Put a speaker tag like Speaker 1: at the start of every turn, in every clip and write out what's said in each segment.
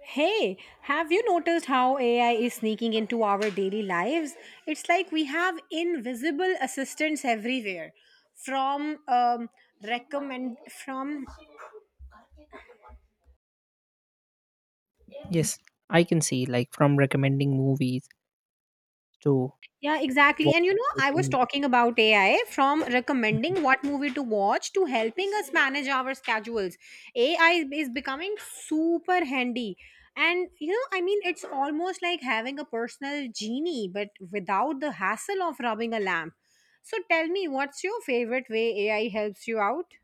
Speaker 1: Hey, have you noticed how AI is sneaking into our daily lives? It's like we have invisible assistants everywhere, from um, from
Speaker 2: Yes, I can see, like, from recommending movies to
Speaker 1: Yeah, exactly.
Speaker 2: what
Speaker 1: And you know, I was
Speaker 2: helping.
Speaker 1: talking about AI from
Speaker 2: Mhm.
Speaker 1: recommending what movie to watch to helping us manage our schedules. AI is becoming super handy. And you know, I mean, it's almost like having a personal genie, but without the hassle of rubbing a lamp. So tell me, what's your favorite way AI helps you out?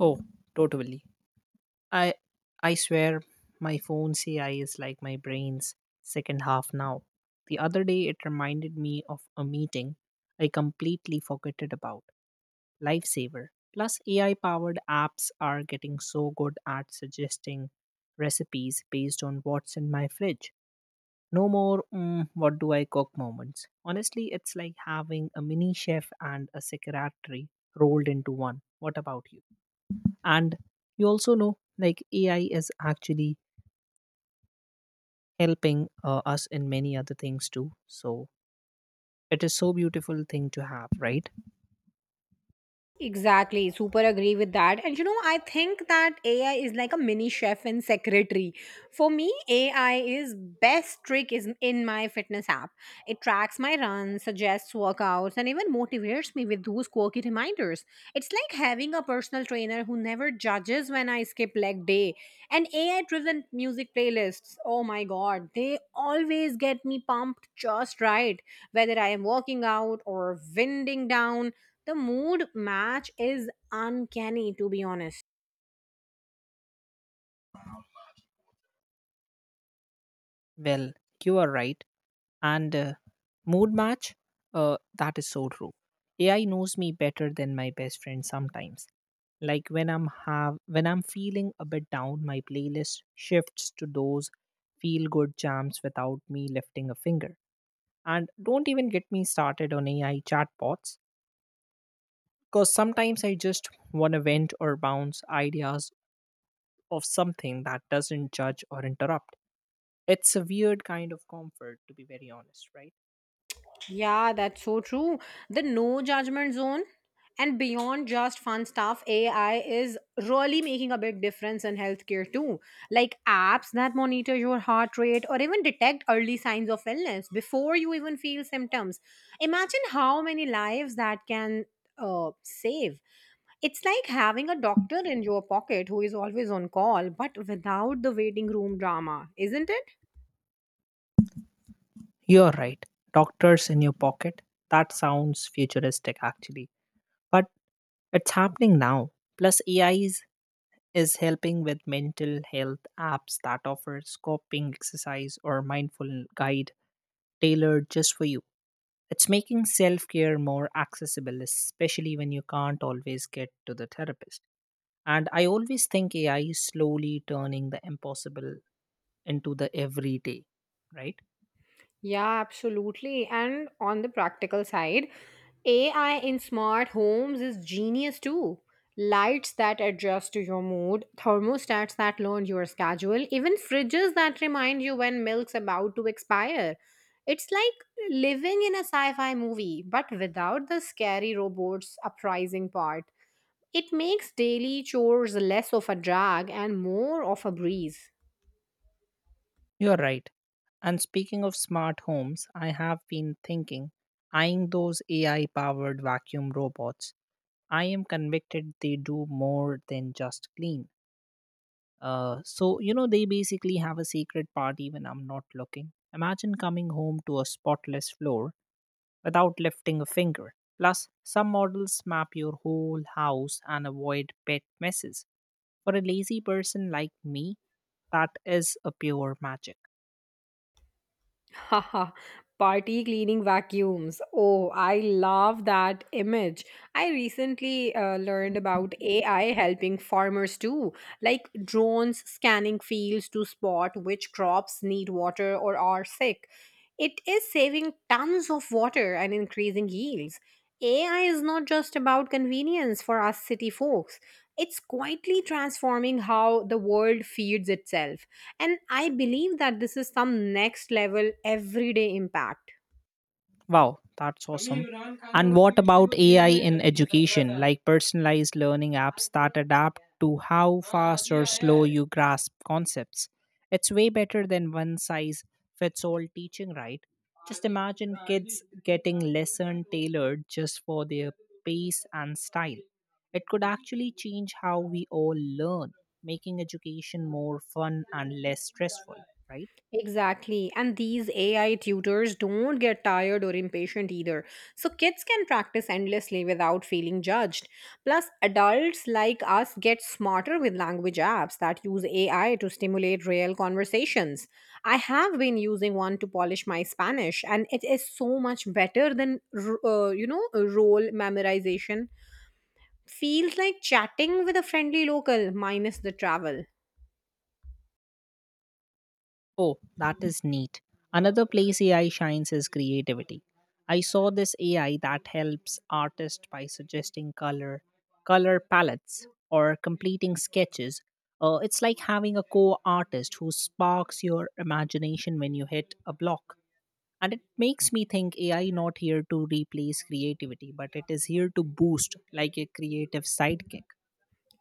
Speaker 2: Oh, totally. I I swear my phone's AI is like my brain's second half now. The other day it reminded me of a meeting I completely forgot it about. Lifesaver. Plus AI powered apps are getting so good at suggesting recipes based on what's in my fridge. No more, what do I cook moments. Honestly, it's like having a mini chef and a secretary rolled into one. What about you? And you also know, like, AI is actually helping us in many other things too. So it is so beautiful thing to have, right?
Speaker 1: Exactly, super agree with that. And you know, I think that AI is like a mini chef and secretary. For me, AI is best trick is in my fitness app. It tracks my runs, suggests workouts, and even motivates me with those quirky reminders. It's like having a personal trainer who never judges when I skip leg day. And AI driven music playlists, oh my god, they always get me pumped just right, whether I am working out or winding down the mood match is uncanny, to be honest.
Speaker 2: Well, you are right. And mood match, that is so true. AI knows me better than my best friend sometimes. Like when I'm feeling a bit down, my playlist shifts to those feel good jams without me lifting a finger. And don't even get me started on AI chatbots, because sometimes I just want to vent or bounce ideas of something that doesn't judge or interrupt. It's a weird kind of comfort, to be very honest, right?
Speaker 1: Yeah, that's so true. The no judgment zone and beyond just fun stuff, AI is really making a big difference in healthcare too. Like apps that monitor your heart rate or even detect early signs of illness before you even feel symptoms. Imagine how many lives that can save. It's like having a doctor in your pocket who is always on call, but without the waiting room drama, isn't it?
Speaker 2: You're right. Doctors in your pocket, that sounds futuristic actually, but it's happening now. Plus AI is helping with mental health apps that offer coping exercise or mindful guide tailored just for you. It's making self-care more accessible, especially when you can't always get to the therapist. And I always think AI is slowly turning the impossible into the everyday, right?
Speaker 1: Yeah, absolutely. And on the practical side, AI in smart homes is genius too. Lights that adjust to your mood, thermostats that learn your schedule, even fridges that remind you when milk's about to expire. It's like living in a sci fi movie, but without the scary robots uprising part. It makes daily chores less of a drag and more of a breeze.
Speaker 2: You're right. And speaking of smart homes, I have been thinking, eyeing those AI powered vacuum robots. I am convicted they do more than just clean. You know, they basically have a secret party when I'm not looking. Imagine coming home to a spotless floor without lifting a finger. Plus, some models map your whole house and avoid pet messes. For a lazy person like me, that is a pure magic.
Speaker 1: Haha, party cleaning vacuums. Oh, I love that image. I recently learned about AI helping farmers too, like drones scanning fields to spot which crops need water or are sick. It is saving tons of water and increasing yields. AI is not just about convenience for us city folks, it's quietly transforming how the world feeds itself. And I believe that this is some next level everyday impact.
Speaker 2: Wow, that's awesome. And what about AI in education, like personalized learning apps that adapt to how fast or slow you grasp concepts? It's way better than one size fits all teaching, right? Just imagine kids getting lesson tailored just for their pace and style. It could actually change how we all learn, making education more fun and less stressful, right?
Speaker 1: Exactly. And these AI tutors don't get tired or impatient either. So kids can practice endlessly without feeling judged. Plus, adults like us get smarter with language apps that use AI to stimulate real conversations. I have been using one to polish my Spanish, and it is so much better than, you know, role memorization. Feels like chatting with a friendly local minus the travel.
Speaker 2: Oh, that is neat. Another place AI shines is creativity. I saw this AI that helps artists by suggesting color palettes, or completing sketches. It's like having a co-artist who sparks your imagination when you hit a block. And it makes me think AI not here to replace creativity, but it is here to boost like a creative sidekick.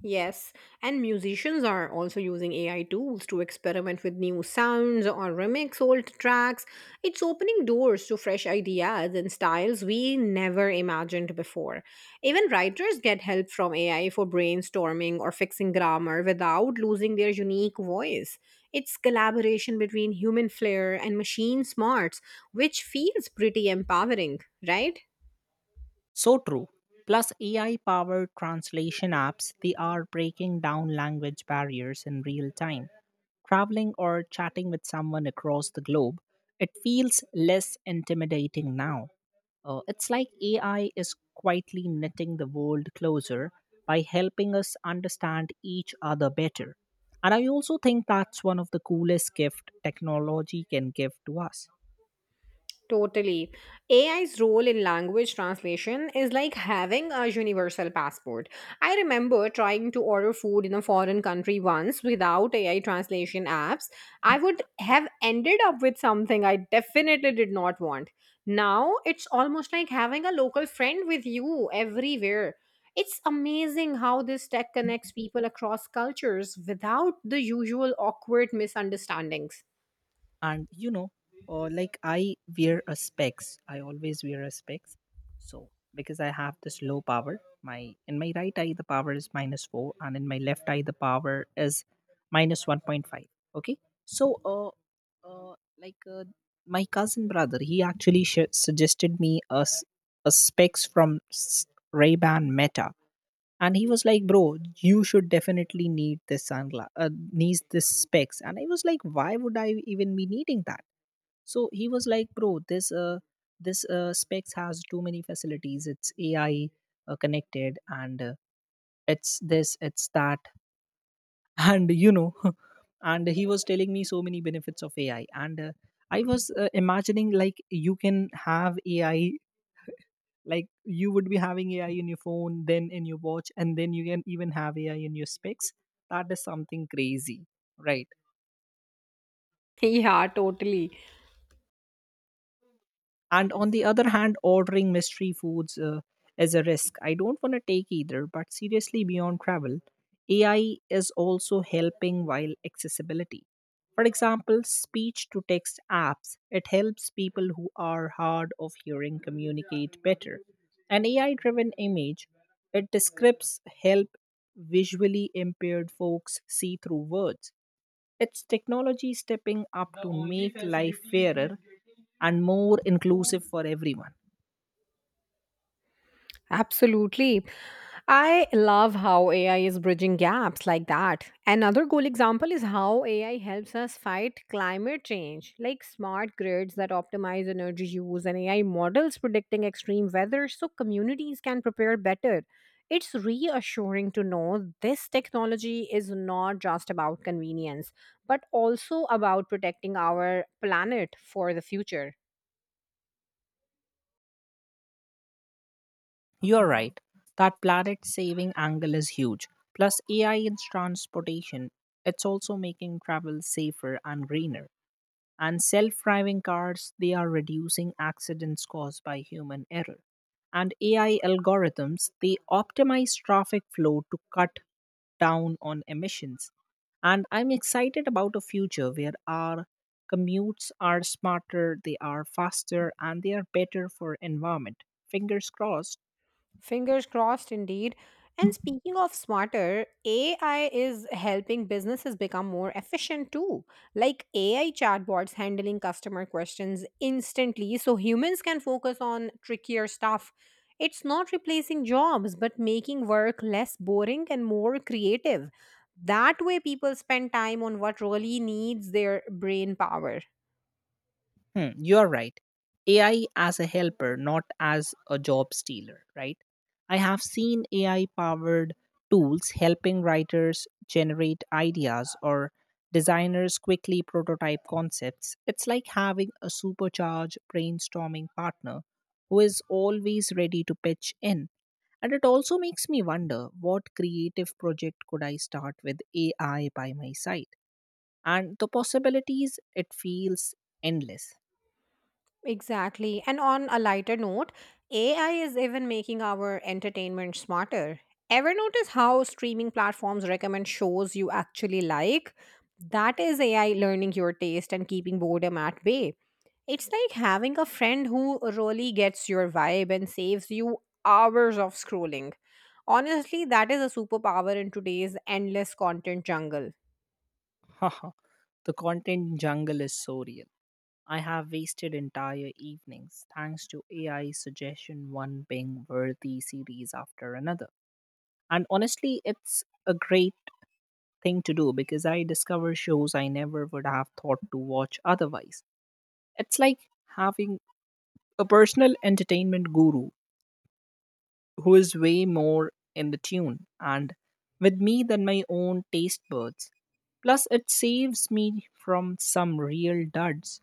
Speaker 1: Yes, and musicians are also using AI tools to experiment with new sounds or remix old tracks. It's opening doors to fresh ideas and styles we never imagined before. Even writers get help from AI for brainstorming or fixing grammar without losing their unique voice. It's collaboration between human flair and machine smarts, which feels pretty empowering, right?
Speaker 2: So true. Plus, AI powered translation apps, they are breaking down language barriers in real time. Traveling or chatting with someone across the globe, it feels less intimidating now. It's like AI is quietly knitting the world closer by helping us understand each other better. And I also think that's one of the coolest gift technology can give to us.
Speaker 1: Totally. AI's role in language translation is like having a universal passport. I remember trying to order food in a foreign country once without AI translation apps. I would have ended up with something I definitely did not want. Now it's almost like having a local friend with you everywhere. It's amazing how this tech connects people across cultures without the usual awkward misunderstandings.
Speaker 2: And you know, like, I wear a specs, I always wear a specs. So, because I have this low power, my, in my right eye the power is minus 4 and in my left eye the power is minus 1.5. Okay. So uh like uh, my cousin brother, he actually suggested me a specs from Ray Ban Meta. And he was like, bro, you should definitely need this sunglass, needs this specs. And I was like, why would I even be needing that? So he was like, bro, this specs has too many facilities. It's AI connected, and it's this, it's that. And you know. And he was telling me so many benefits of AI, and I was imagining, like, you can have AI, like you would be having AI in your phone, then in your watch, and then you can even have AI in your specs. That is something crazy, right?
Speaker 1: Yeah, totally.
Speaker 2: And on the other hand, ordering mystery foods is a risk I don't want to take either. But seriously, beyond travel, AI is also helping while accessibility. For example, speech to text apps, it helps people who are hard of hearing communicate better. An AI driven image, it describes, help visually impaired folks see through words. It's technology stepping up to make life fairer and more inclusive for everyone.
Speaker 1: Absolutely. I love how AI is bridging gaps like that. Another cool example is how AI helps us fight climate change, like smart grids that optimize energy use and AI models predicting extreme weather so communities can prepare better. It's reassuring to know this technology is not just about convenience, but also about protecting our planet for the future.
Speaker 2: You're right, that planet saving angle is huge. Plus, AI in transportation, it's also making travel safer and greener. And self-driving cars, they are reducing accidents caused by human error. And AI algorithms, they optimize traffic flow to cut down on emissions. And I'm excited about a future where our commutes are smarter, they are faster, and they are better for environment. Fingers crossed.
Speaker 1: Fingers crossed indeed. And speaking of smarter, AI is helping businesses become more efficient too. Like AI chatbots handling customer questions instantly so humans can focus on trickier stuff. It's not replacing jobs, but making work less boring and more creative. That way, people spend time on what really needs their brain power.
Speaker 2: Hmm, you are right. AI as a helper, not as a job stealer, right? I have seen AI powered tools helping writers generate ideas or designers quickly prototype concepts. It's like having a supercharged brainstorming partner who is always ready to pitch in. And it also makes me wonder, what creative project could I start with AI by my side? And the possibilities, it feels endless.
Speaker 1: Exactly. And on a lighter note, AI is even making our entertainment smarter. Ever notice how streaming platforms recommend shows you actually like? That is AI learning your taste and keeping boredom at bay. It's like having a friend who really gets your vibe and saves you hours of scrolling. Honestly, that is a superpower in today's endless content jungle.
Speaker 2: Haha, the content jungle is so real. I have wasted entire evenings thanks to AI suggestion, one ping worthy series after another. And honestly, it's a great thing to do, because I discover shows I never would have thought to watch otherwise. It's like having a personal entertainment guru who is way more in the tune and with me than my own taste buds. Plus, it saves me from some real duds.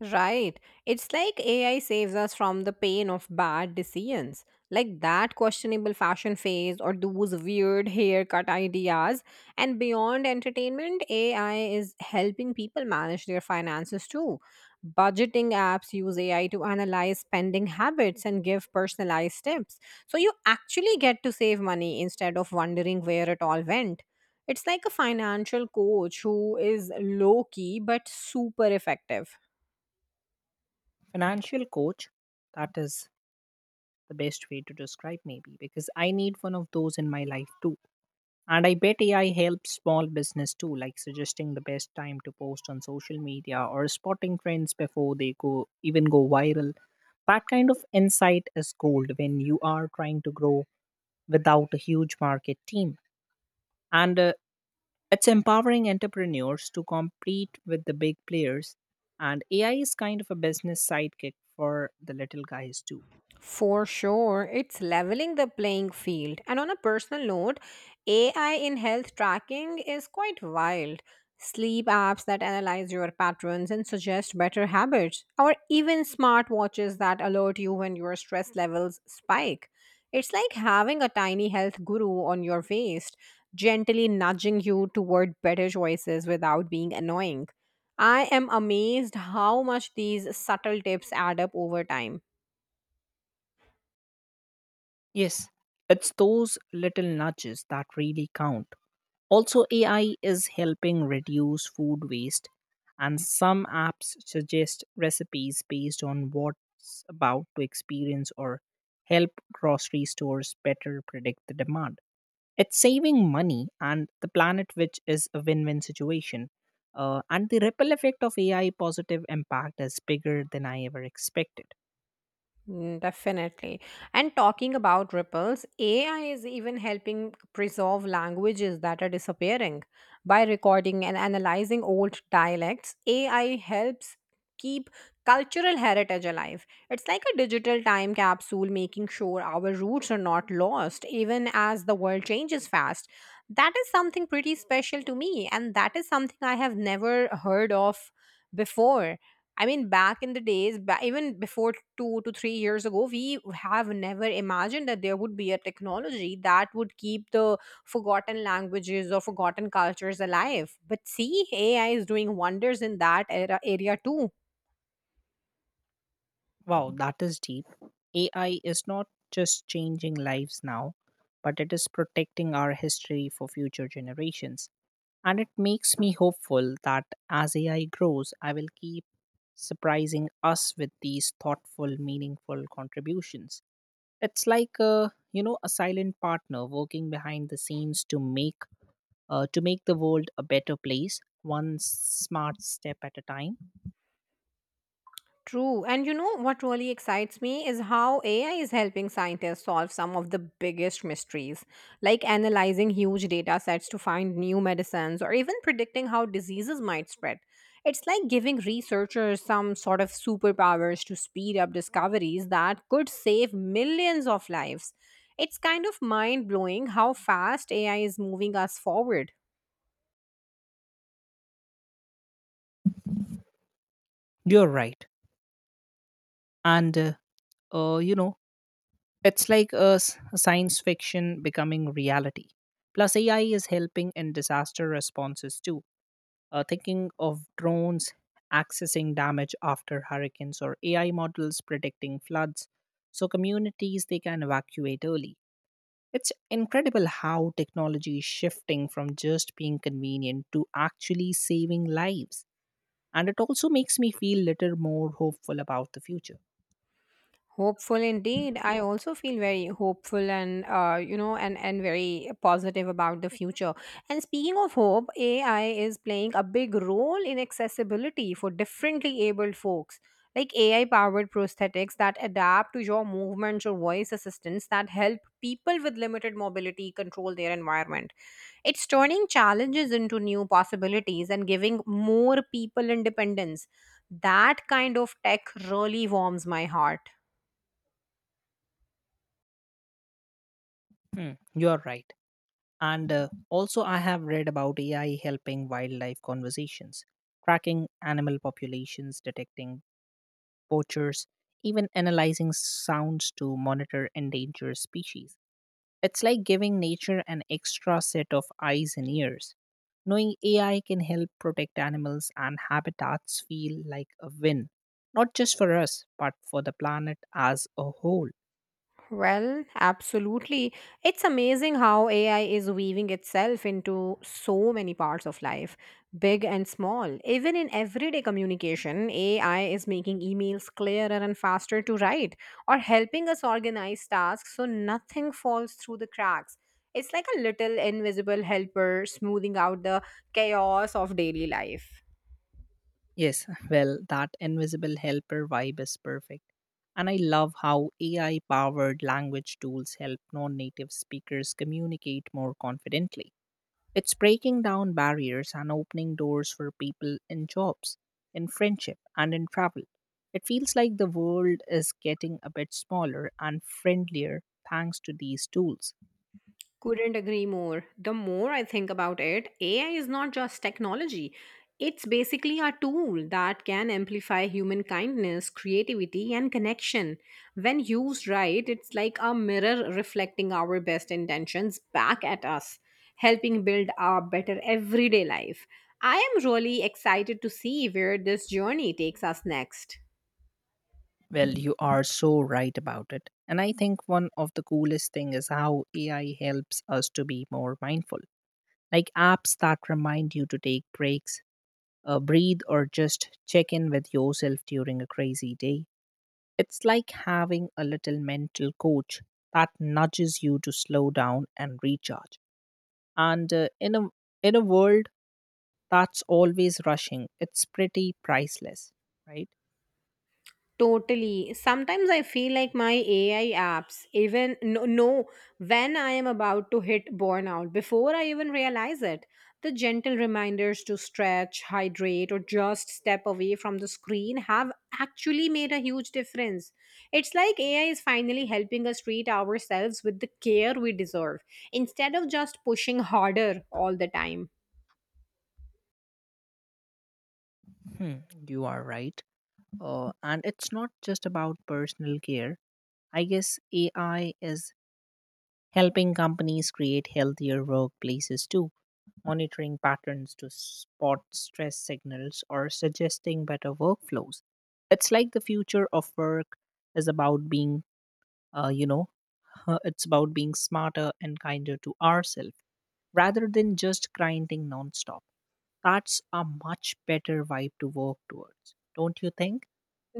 Speaker 1: Right. It's like AI saves us from the pain of bad decisions, like that questionable fashion phase or those weird haircut ideas. And beyond entertainment, AI is helping people manage their finances too. Budgeting apps use AI to analyze spending habits and give personalized tips. So you actually get to save money instead of wondering where it all went. It's like a financial coach who is low key but super effective.
Speaker 2: Financial coach, that is the best way to describe, maybe because I need one of those in my life too. And I bet AI helps small business too, like suggesting the best time to post on social media or spotting trends before they go even go viral. That kind of insight is gold when you are trying to grow without a huge market team. And it's empowering entrepreneurs to compete with the big players. And AI is kind of a business sidekick for the little guys too.
Speaker 1: For sure, it's leveling the playing field. And on a personal note, AI in health tracking is quite wild. Sleep apps that analyze your patterns and suggest better habits, or even smartwatches that alert you when your stress levels spike. It's like having a tiny health guru on your waist, gently nudging you toward better choices without being annoying. I am amazed how much these subtle tips add up over time.
Speaker 2: Yes, it's those little nudges that really count. Also, AI is helping reduce food waste, and some apps suggest recipes based on what's about to experience or help grocery stores better predict the demand. It's saving money and the planet, which is a win win situation. And the ripple effect of AI positive impact is bigger than I ever expected.
Speaker 1: Mm, definitely. And talking about ripples, AI is even helping preserve languages that are disappearing. By recording and analyzing old dialects, AI helps keep cultural heritage alive. It's like a digital time capsule, making sure our roots are not lost, even as the world changes fast. That is something pretty special to me, and that is something I have never heard of before. I mean, back in the days, even before 2 to 3 years ago, we have never imagined that there would be a technology that would keep the forgotten languages or forgotten cultures alive. But see, AI is doing wonders in that era, area too.
Speaker 2: Wow, that is deep. AI is not just changing lives now, but it is protecting our history for future generations. And it makes me hopeful that as AI grows, I will keep surprising us with these thoughtful, meaningful contributions. It's like a, you know, a silent partner working behind the scenes to make the world a better place, one smart step at a time.
Speaker 1: True. And you know what really excites me is how AI is helping scientists solve some of the biggest mysteries, like analyzing huge data sets to find new medicines or even predicting how diseases might spread. It's like giving researchers some sort of superpowers to speed up discoveries that could save millions of lives. It's kind of mind blowing how fast AI is moving us forward.
Speaker 2: You're right. And you know, it's like a science fiction becoming reality. Plus, AI is helping in disaster responses too. Thinking of drones accessing damage after hurricanes or AI models predicting floods, so communities they can evacuate early. It's incredible how technology is shifting from just being convenient to actually saving lives. And it also makes me feel little more hopeful about the future.
Speaker 1: Hopeful indeed. I also feel very hopeful and you know and very positive about the future. And speaking of hope, AI is playing a big role in accessibility for differently abled folks. Like AI powered prosthetics that adapt to your movements or voice assistants that help people with limited mobility control their environment. It's turning challenges into new possibilities and giving more people independence. That kind of tech really warms my heart.
Speaker 2: Hmm, you're right. And also, I have read about AI helping wildlife conversations, tracking animal populations, detecting poachers, even analyzing sounds to monitor endangered species. It's like giving nature an extra set of eyes and ears. Knowing AI can help protect animals and habitats feel like a win, not just for us, but for the planet as a whole.
Speaker 1: Well, absolutely. It's amazing how AI is weaving itself into so many parts of life, big and small. Even in everyday communication, AI is making emails clearer and faster to write, or helping us organize tasks so nothing falls through the cracks. It's like a little invisible helper smoothing out the chaos of daily life.
Speaker 2: Yes, well, that invisible helper vibe is perfect. And I love how AI powered language tools help non native speakers communicate more confidently. It's breaking down barriers and opening doors for people in jobs, in friendship, and in travel. It feels like the world is getting a bit smaller and friendlier thanks to these tools.
Speaker 1: Couldn't agree more. The more I think about it, AI is not just technology. It's basically a tool that can amplify human kindness, creativity, and connection. When used right, it's like a mirror reflecting our best intentions back at us, helping build a better everyday life. I am really excited to see where this journey takes us next.
Speaker 2: Well, you are so right about it. And I think one of the coolest things is how AI helps us to be more mindful, like apps that remind you to take breaks, breathe, or just check in with yourself during a crazy day. It's like having a little mental coach that nudges you to slow down and recharge. And in a world that's always rushing, it's pretty priceless, right?
Speaker 1: Totally. Sometimes I feel like my AI apps even no, know when I am about to hit burnout before I even realize it. The gentle reminders to stretch, hydrate, or just step away from the screen have actually made a huge difference. It's like AI is finally helping us treat ourselves with the care we deserve instead of just pushing harder all the time.
Speaker 2: Hmm, you are right. And it's not just about personal care. I guess AI is helping companies create healthier workplaces too, monitoring patterns to spot stress signals, or suggesting better workflows. It's like the future of work is about being, you know, it's about being smarter and kinder to ourselves rather than just grinding nonstop. That's a much better vibe to work towards, don't you think?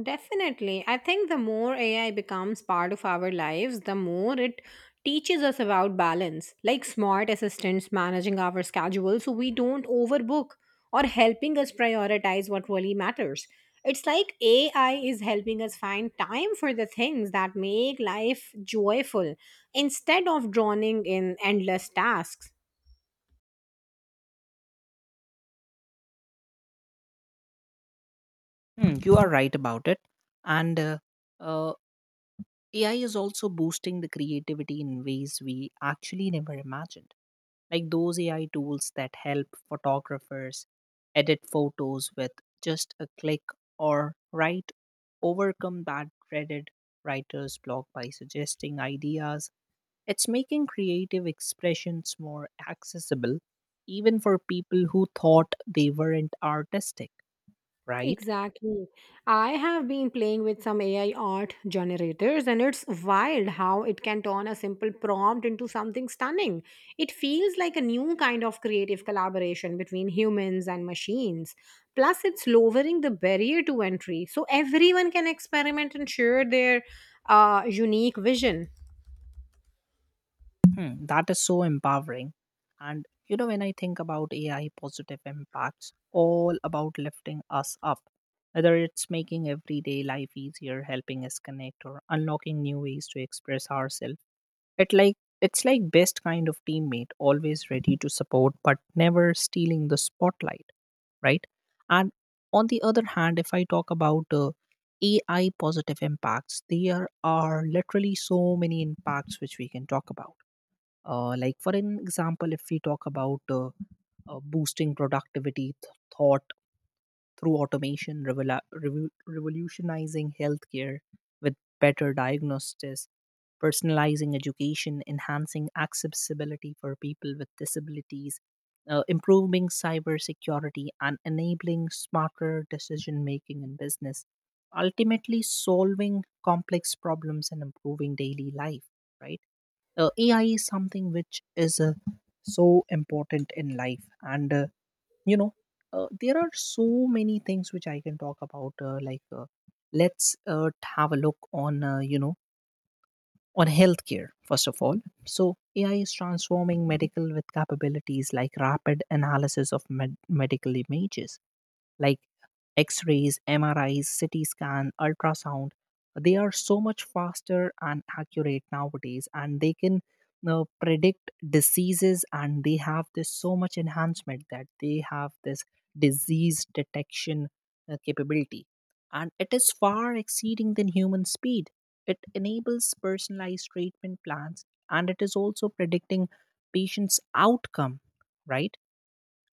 Speaker 1: Definitely. I think the more AI becomes part of our lives, the more it teaches us about balance, like smart assistants managing our schedule so we don't overbook or helping us prioritize what really matters. It's like AI is helping us find time for the things that make life joyful instead of drowning in endless tasks.
Speaker 2: Hmm, you are right about it. And uh, AI is also boosting the creativity in ways we actually never imagined. Like those AI tools that help photographers edit photos with just a click or write, overcome that dreaded writer's block by suggesting ideas. It's making creative expressions more accessible, even for people who thought they weren't artistic, right?
Speaker 1: Exactly. I have been playing with some AI art generators, and it's wild how it can turn a simple prompt into something stunning. It feels like a new kind of creative collaboration between humans and machines. Plus, it's lowering the barrier to entry, so everyone can experiment and share their unique vision.
Speaker 2: Hmm, that is so empowering. And you know, when I think about AI positive impacts, all about lifting us up, whether it's making everyday life easier, helping us connect, or unlocking new ways to express ourselves. It's like best kind of teammate, always ready to support but never stealing the spotlight, right? And on the other hand, if I talk about AI positive impacts, there are literally so many impacts which we can talk about, like, for an example, if we talk about boosting productivity, thought through automation, revolutionizing healthcare with better diagnosis, personalizing education, enhancing accessibility for people with disabilities, improving cybersecurity, and enabling smarter decision making in business, ultimately solving complex problems and improving daily life, right? Ai is something which is so important in life and you know there are so many things which I can talk about let's uh, have a look on on healthcare first of all. So ai is transforming medical with capabilities like rapid analysis of medical images like x rays, MRIs, CT scan, ultrasound. They are so much faster and accurate nowadays, and they can now predict diseases and they have this so much enhancement that they have this disease detection capability and it is far exceeding than human speed. It enables personalized treatment plans and it is also predicting patients outcome, right?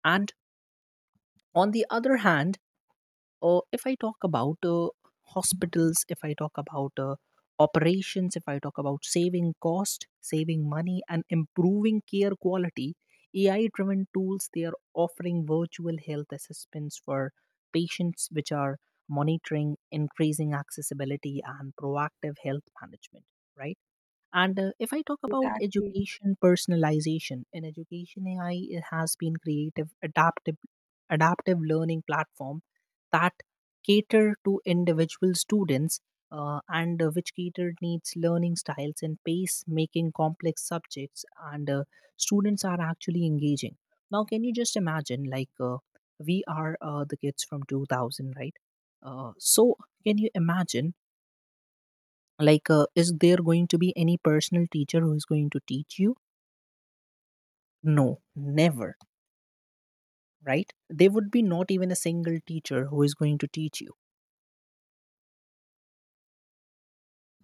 Speaker 2: And on the other hand, if I talk about hospitals, if I talk about operations, if I talk about saving cost, saving money, and improving care quality, AI driven tools they are offering virtual health assistance for patients, which are monitoring, increasing accessibility, and proactive health management, right? And if I talk about
Speaker 1: Exactly.
Speaker 2: education personalization, in education AI it has been creative, adaptive learning platform that cater to individual students and which cater needs learning styles and pace, making complex subjects and students are actually engaging. Now, can you just imagine like we are the kids from 2000, right? So, can you imagine like is there going to be any personal teacher who is going to teach you? No, never, right? There would be not even a single teacher who is going to teach you.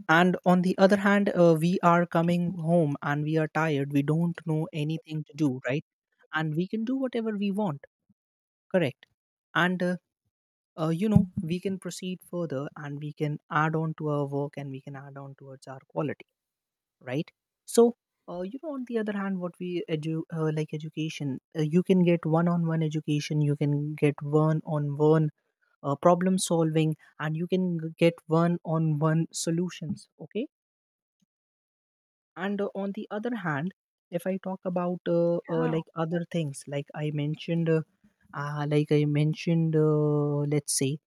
Speaker 2: And on the other hand, we are coming home and we are tired, we don't know anything to do, right? And we can do whatever we want, correct? And we can proceed further and we can add on to our work and we can add on towards our quality, right? So, on the other hand, what we like education, you can get one on one education, you can get one on one problem solving and you can get one on one solutions, okay? And on the other hand, if I talk about
Speaker 1: Yeah,
Speaker 2: like other things like I mentioned, let's say,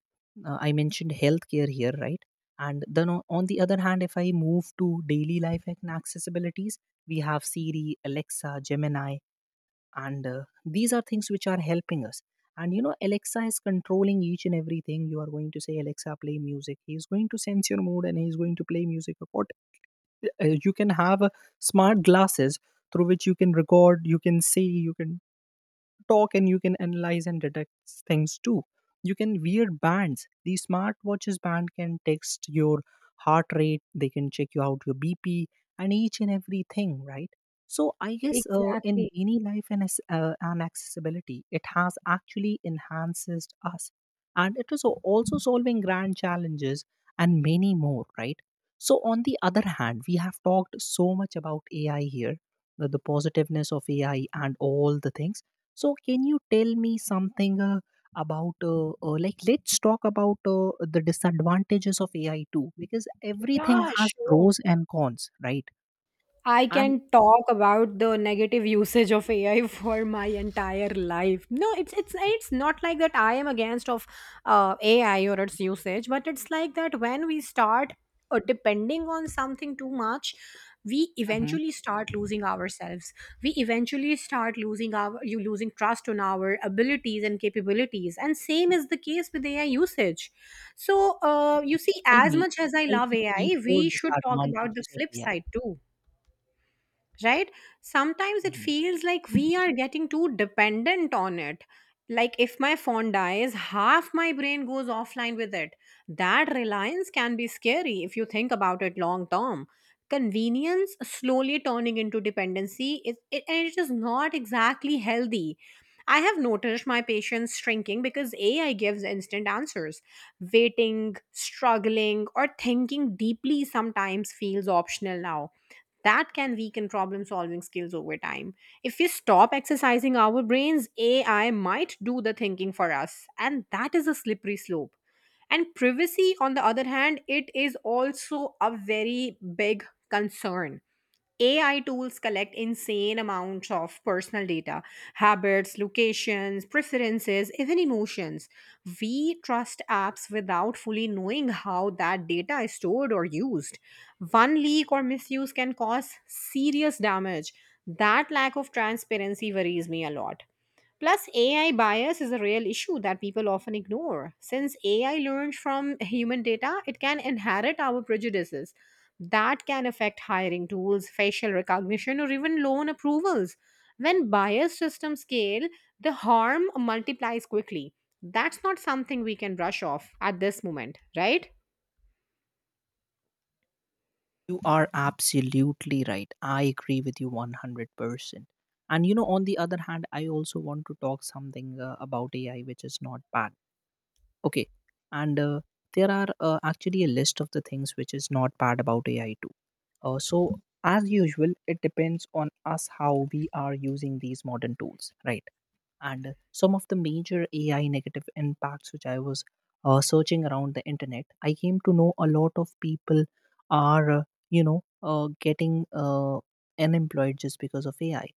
Speaker 2: I mentioned healthcare here, right? And then on the other hand, if I move to daily life and accessibilities, we have Siri, Alexa, Gemini, and these are things which are helping us. And you know, Alexa is controlling each and everything. You are going to say, Alexa, play music. He is going to sense your mood and he is going to play music. What, you can have smart glasses through which you can record, you can see, you can talk and you can analyze and detect things too. You can wear bands. The smartwatches band can text your heart rate, they can check you out your BP and each and everything, right? So I guess in
Speaker 1: exactly.
Speaker 2: daily life and, and accessibility, it has actually enhances us. And it is also solving grand challenges and many more, right? So on the other hand, we have talked so much about AI here, the positiveness of AI and all the things, so can you tell me something about like let's talk about the disadvantages of AI too because everything
Speaker 1: Yeah,
Speaker 2: has
Speaker 1: sure.
Speaker 2: pros and cons, right?
Speaker 1: I
Speaker 2: And
Speaker 1: can talk about the negative usage of AI for my entire life. No, it's not like that I am against of AI or its usage, but it's like that when we start depending on something too much, we
Speaker 2: Mhm.
Speaker 1: eventually start losing ourselves. We eventually start losing our you losing trust on our abilities and capabilities. And same is the case with AI usage. So
Speaker 2: Okay,
Speaker 1: you see, as much
Speaker 2: just
Speaker 1: as I
Speaker 2: tell
Speaker 1: love
Speaker 2: me three,
Speaker 1: AI,
Speaker 2: four
Speaker 1: we should talk about the
Speaker 2: disadvantages of
Speaker 1: flip
Speaker 2: AI.
Speaker 1: side too, right? Sometimes it
Speaker 2: Mhm.
Speaker 1: feels like we are getting too dependent on it. Like if my phone dies, half my brain goes offline with it. That reliance can be scary if you think about it long term. Convenience slowly turning into dependency is it, and it is not exactly healthy. I have noticed my patients shrinking because AI gives instant answers. Waiting, struggling, or thinking deeply sometimes feels optional now, that can weaken problem solving skills over time. If we stop exercising our brains, AI might do the thinking for us, and that is a slippery slope. And privacy, on the other hand, it is also a very big concern. AI tools collect insane amounts of personal data, habits, locations, preferences, even emotions. We trust apps without fully knowing how that data is stored or used. One leak or misuse can cause serious damage. That lack of transparency worries me a lot. Plus, AI bias is a real issue that people often ignore. Since AI learns from human data, it can inherit our prejudices. That can affect hiring tools, facial recognition, or even loan approvals. When bias systems scale, the harm multiplies quickly. That's not something we can brush off at this moment, right?
Speaker 2: You are absolutely right. I agree with you 100%. And you know, on the other hand, I also want to talk something about AI, which is not bad. Okay. And there are actually a list of the things which is not bad about AI too. So, as usual, it depends on us how we are using these modern tools, right? And some of the major AI negative impacts which I was searching around the internet, I came to know a lot of people are, getting unemployed just because of AI.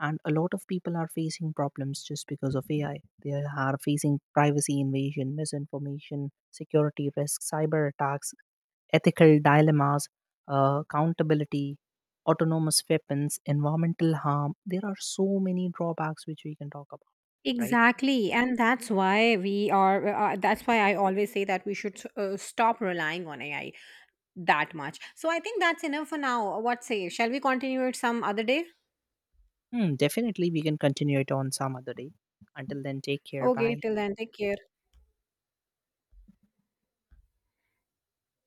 Speaker 2: And a lot of people are facing problems just because of AI. They are facing privacy invasion, misinformation, security risks, cyber attacks, ethical dilemmas, accountability, autonomous weapons, environmental harm. There are so many drawbacks which we can talk about, right?
Speaker 1: Exactly, and that's why we are. That's why I always say that we should stop relying on AI that much. So I think that's enough for now. What say? Shall we continue it some other day?
Speaker 2: Hmm, definitely, we can continue it on some other day. Until then, take care.
Speaker 1: Okay,
Speaker 2: Bye.
Speaker 1: till then, take care.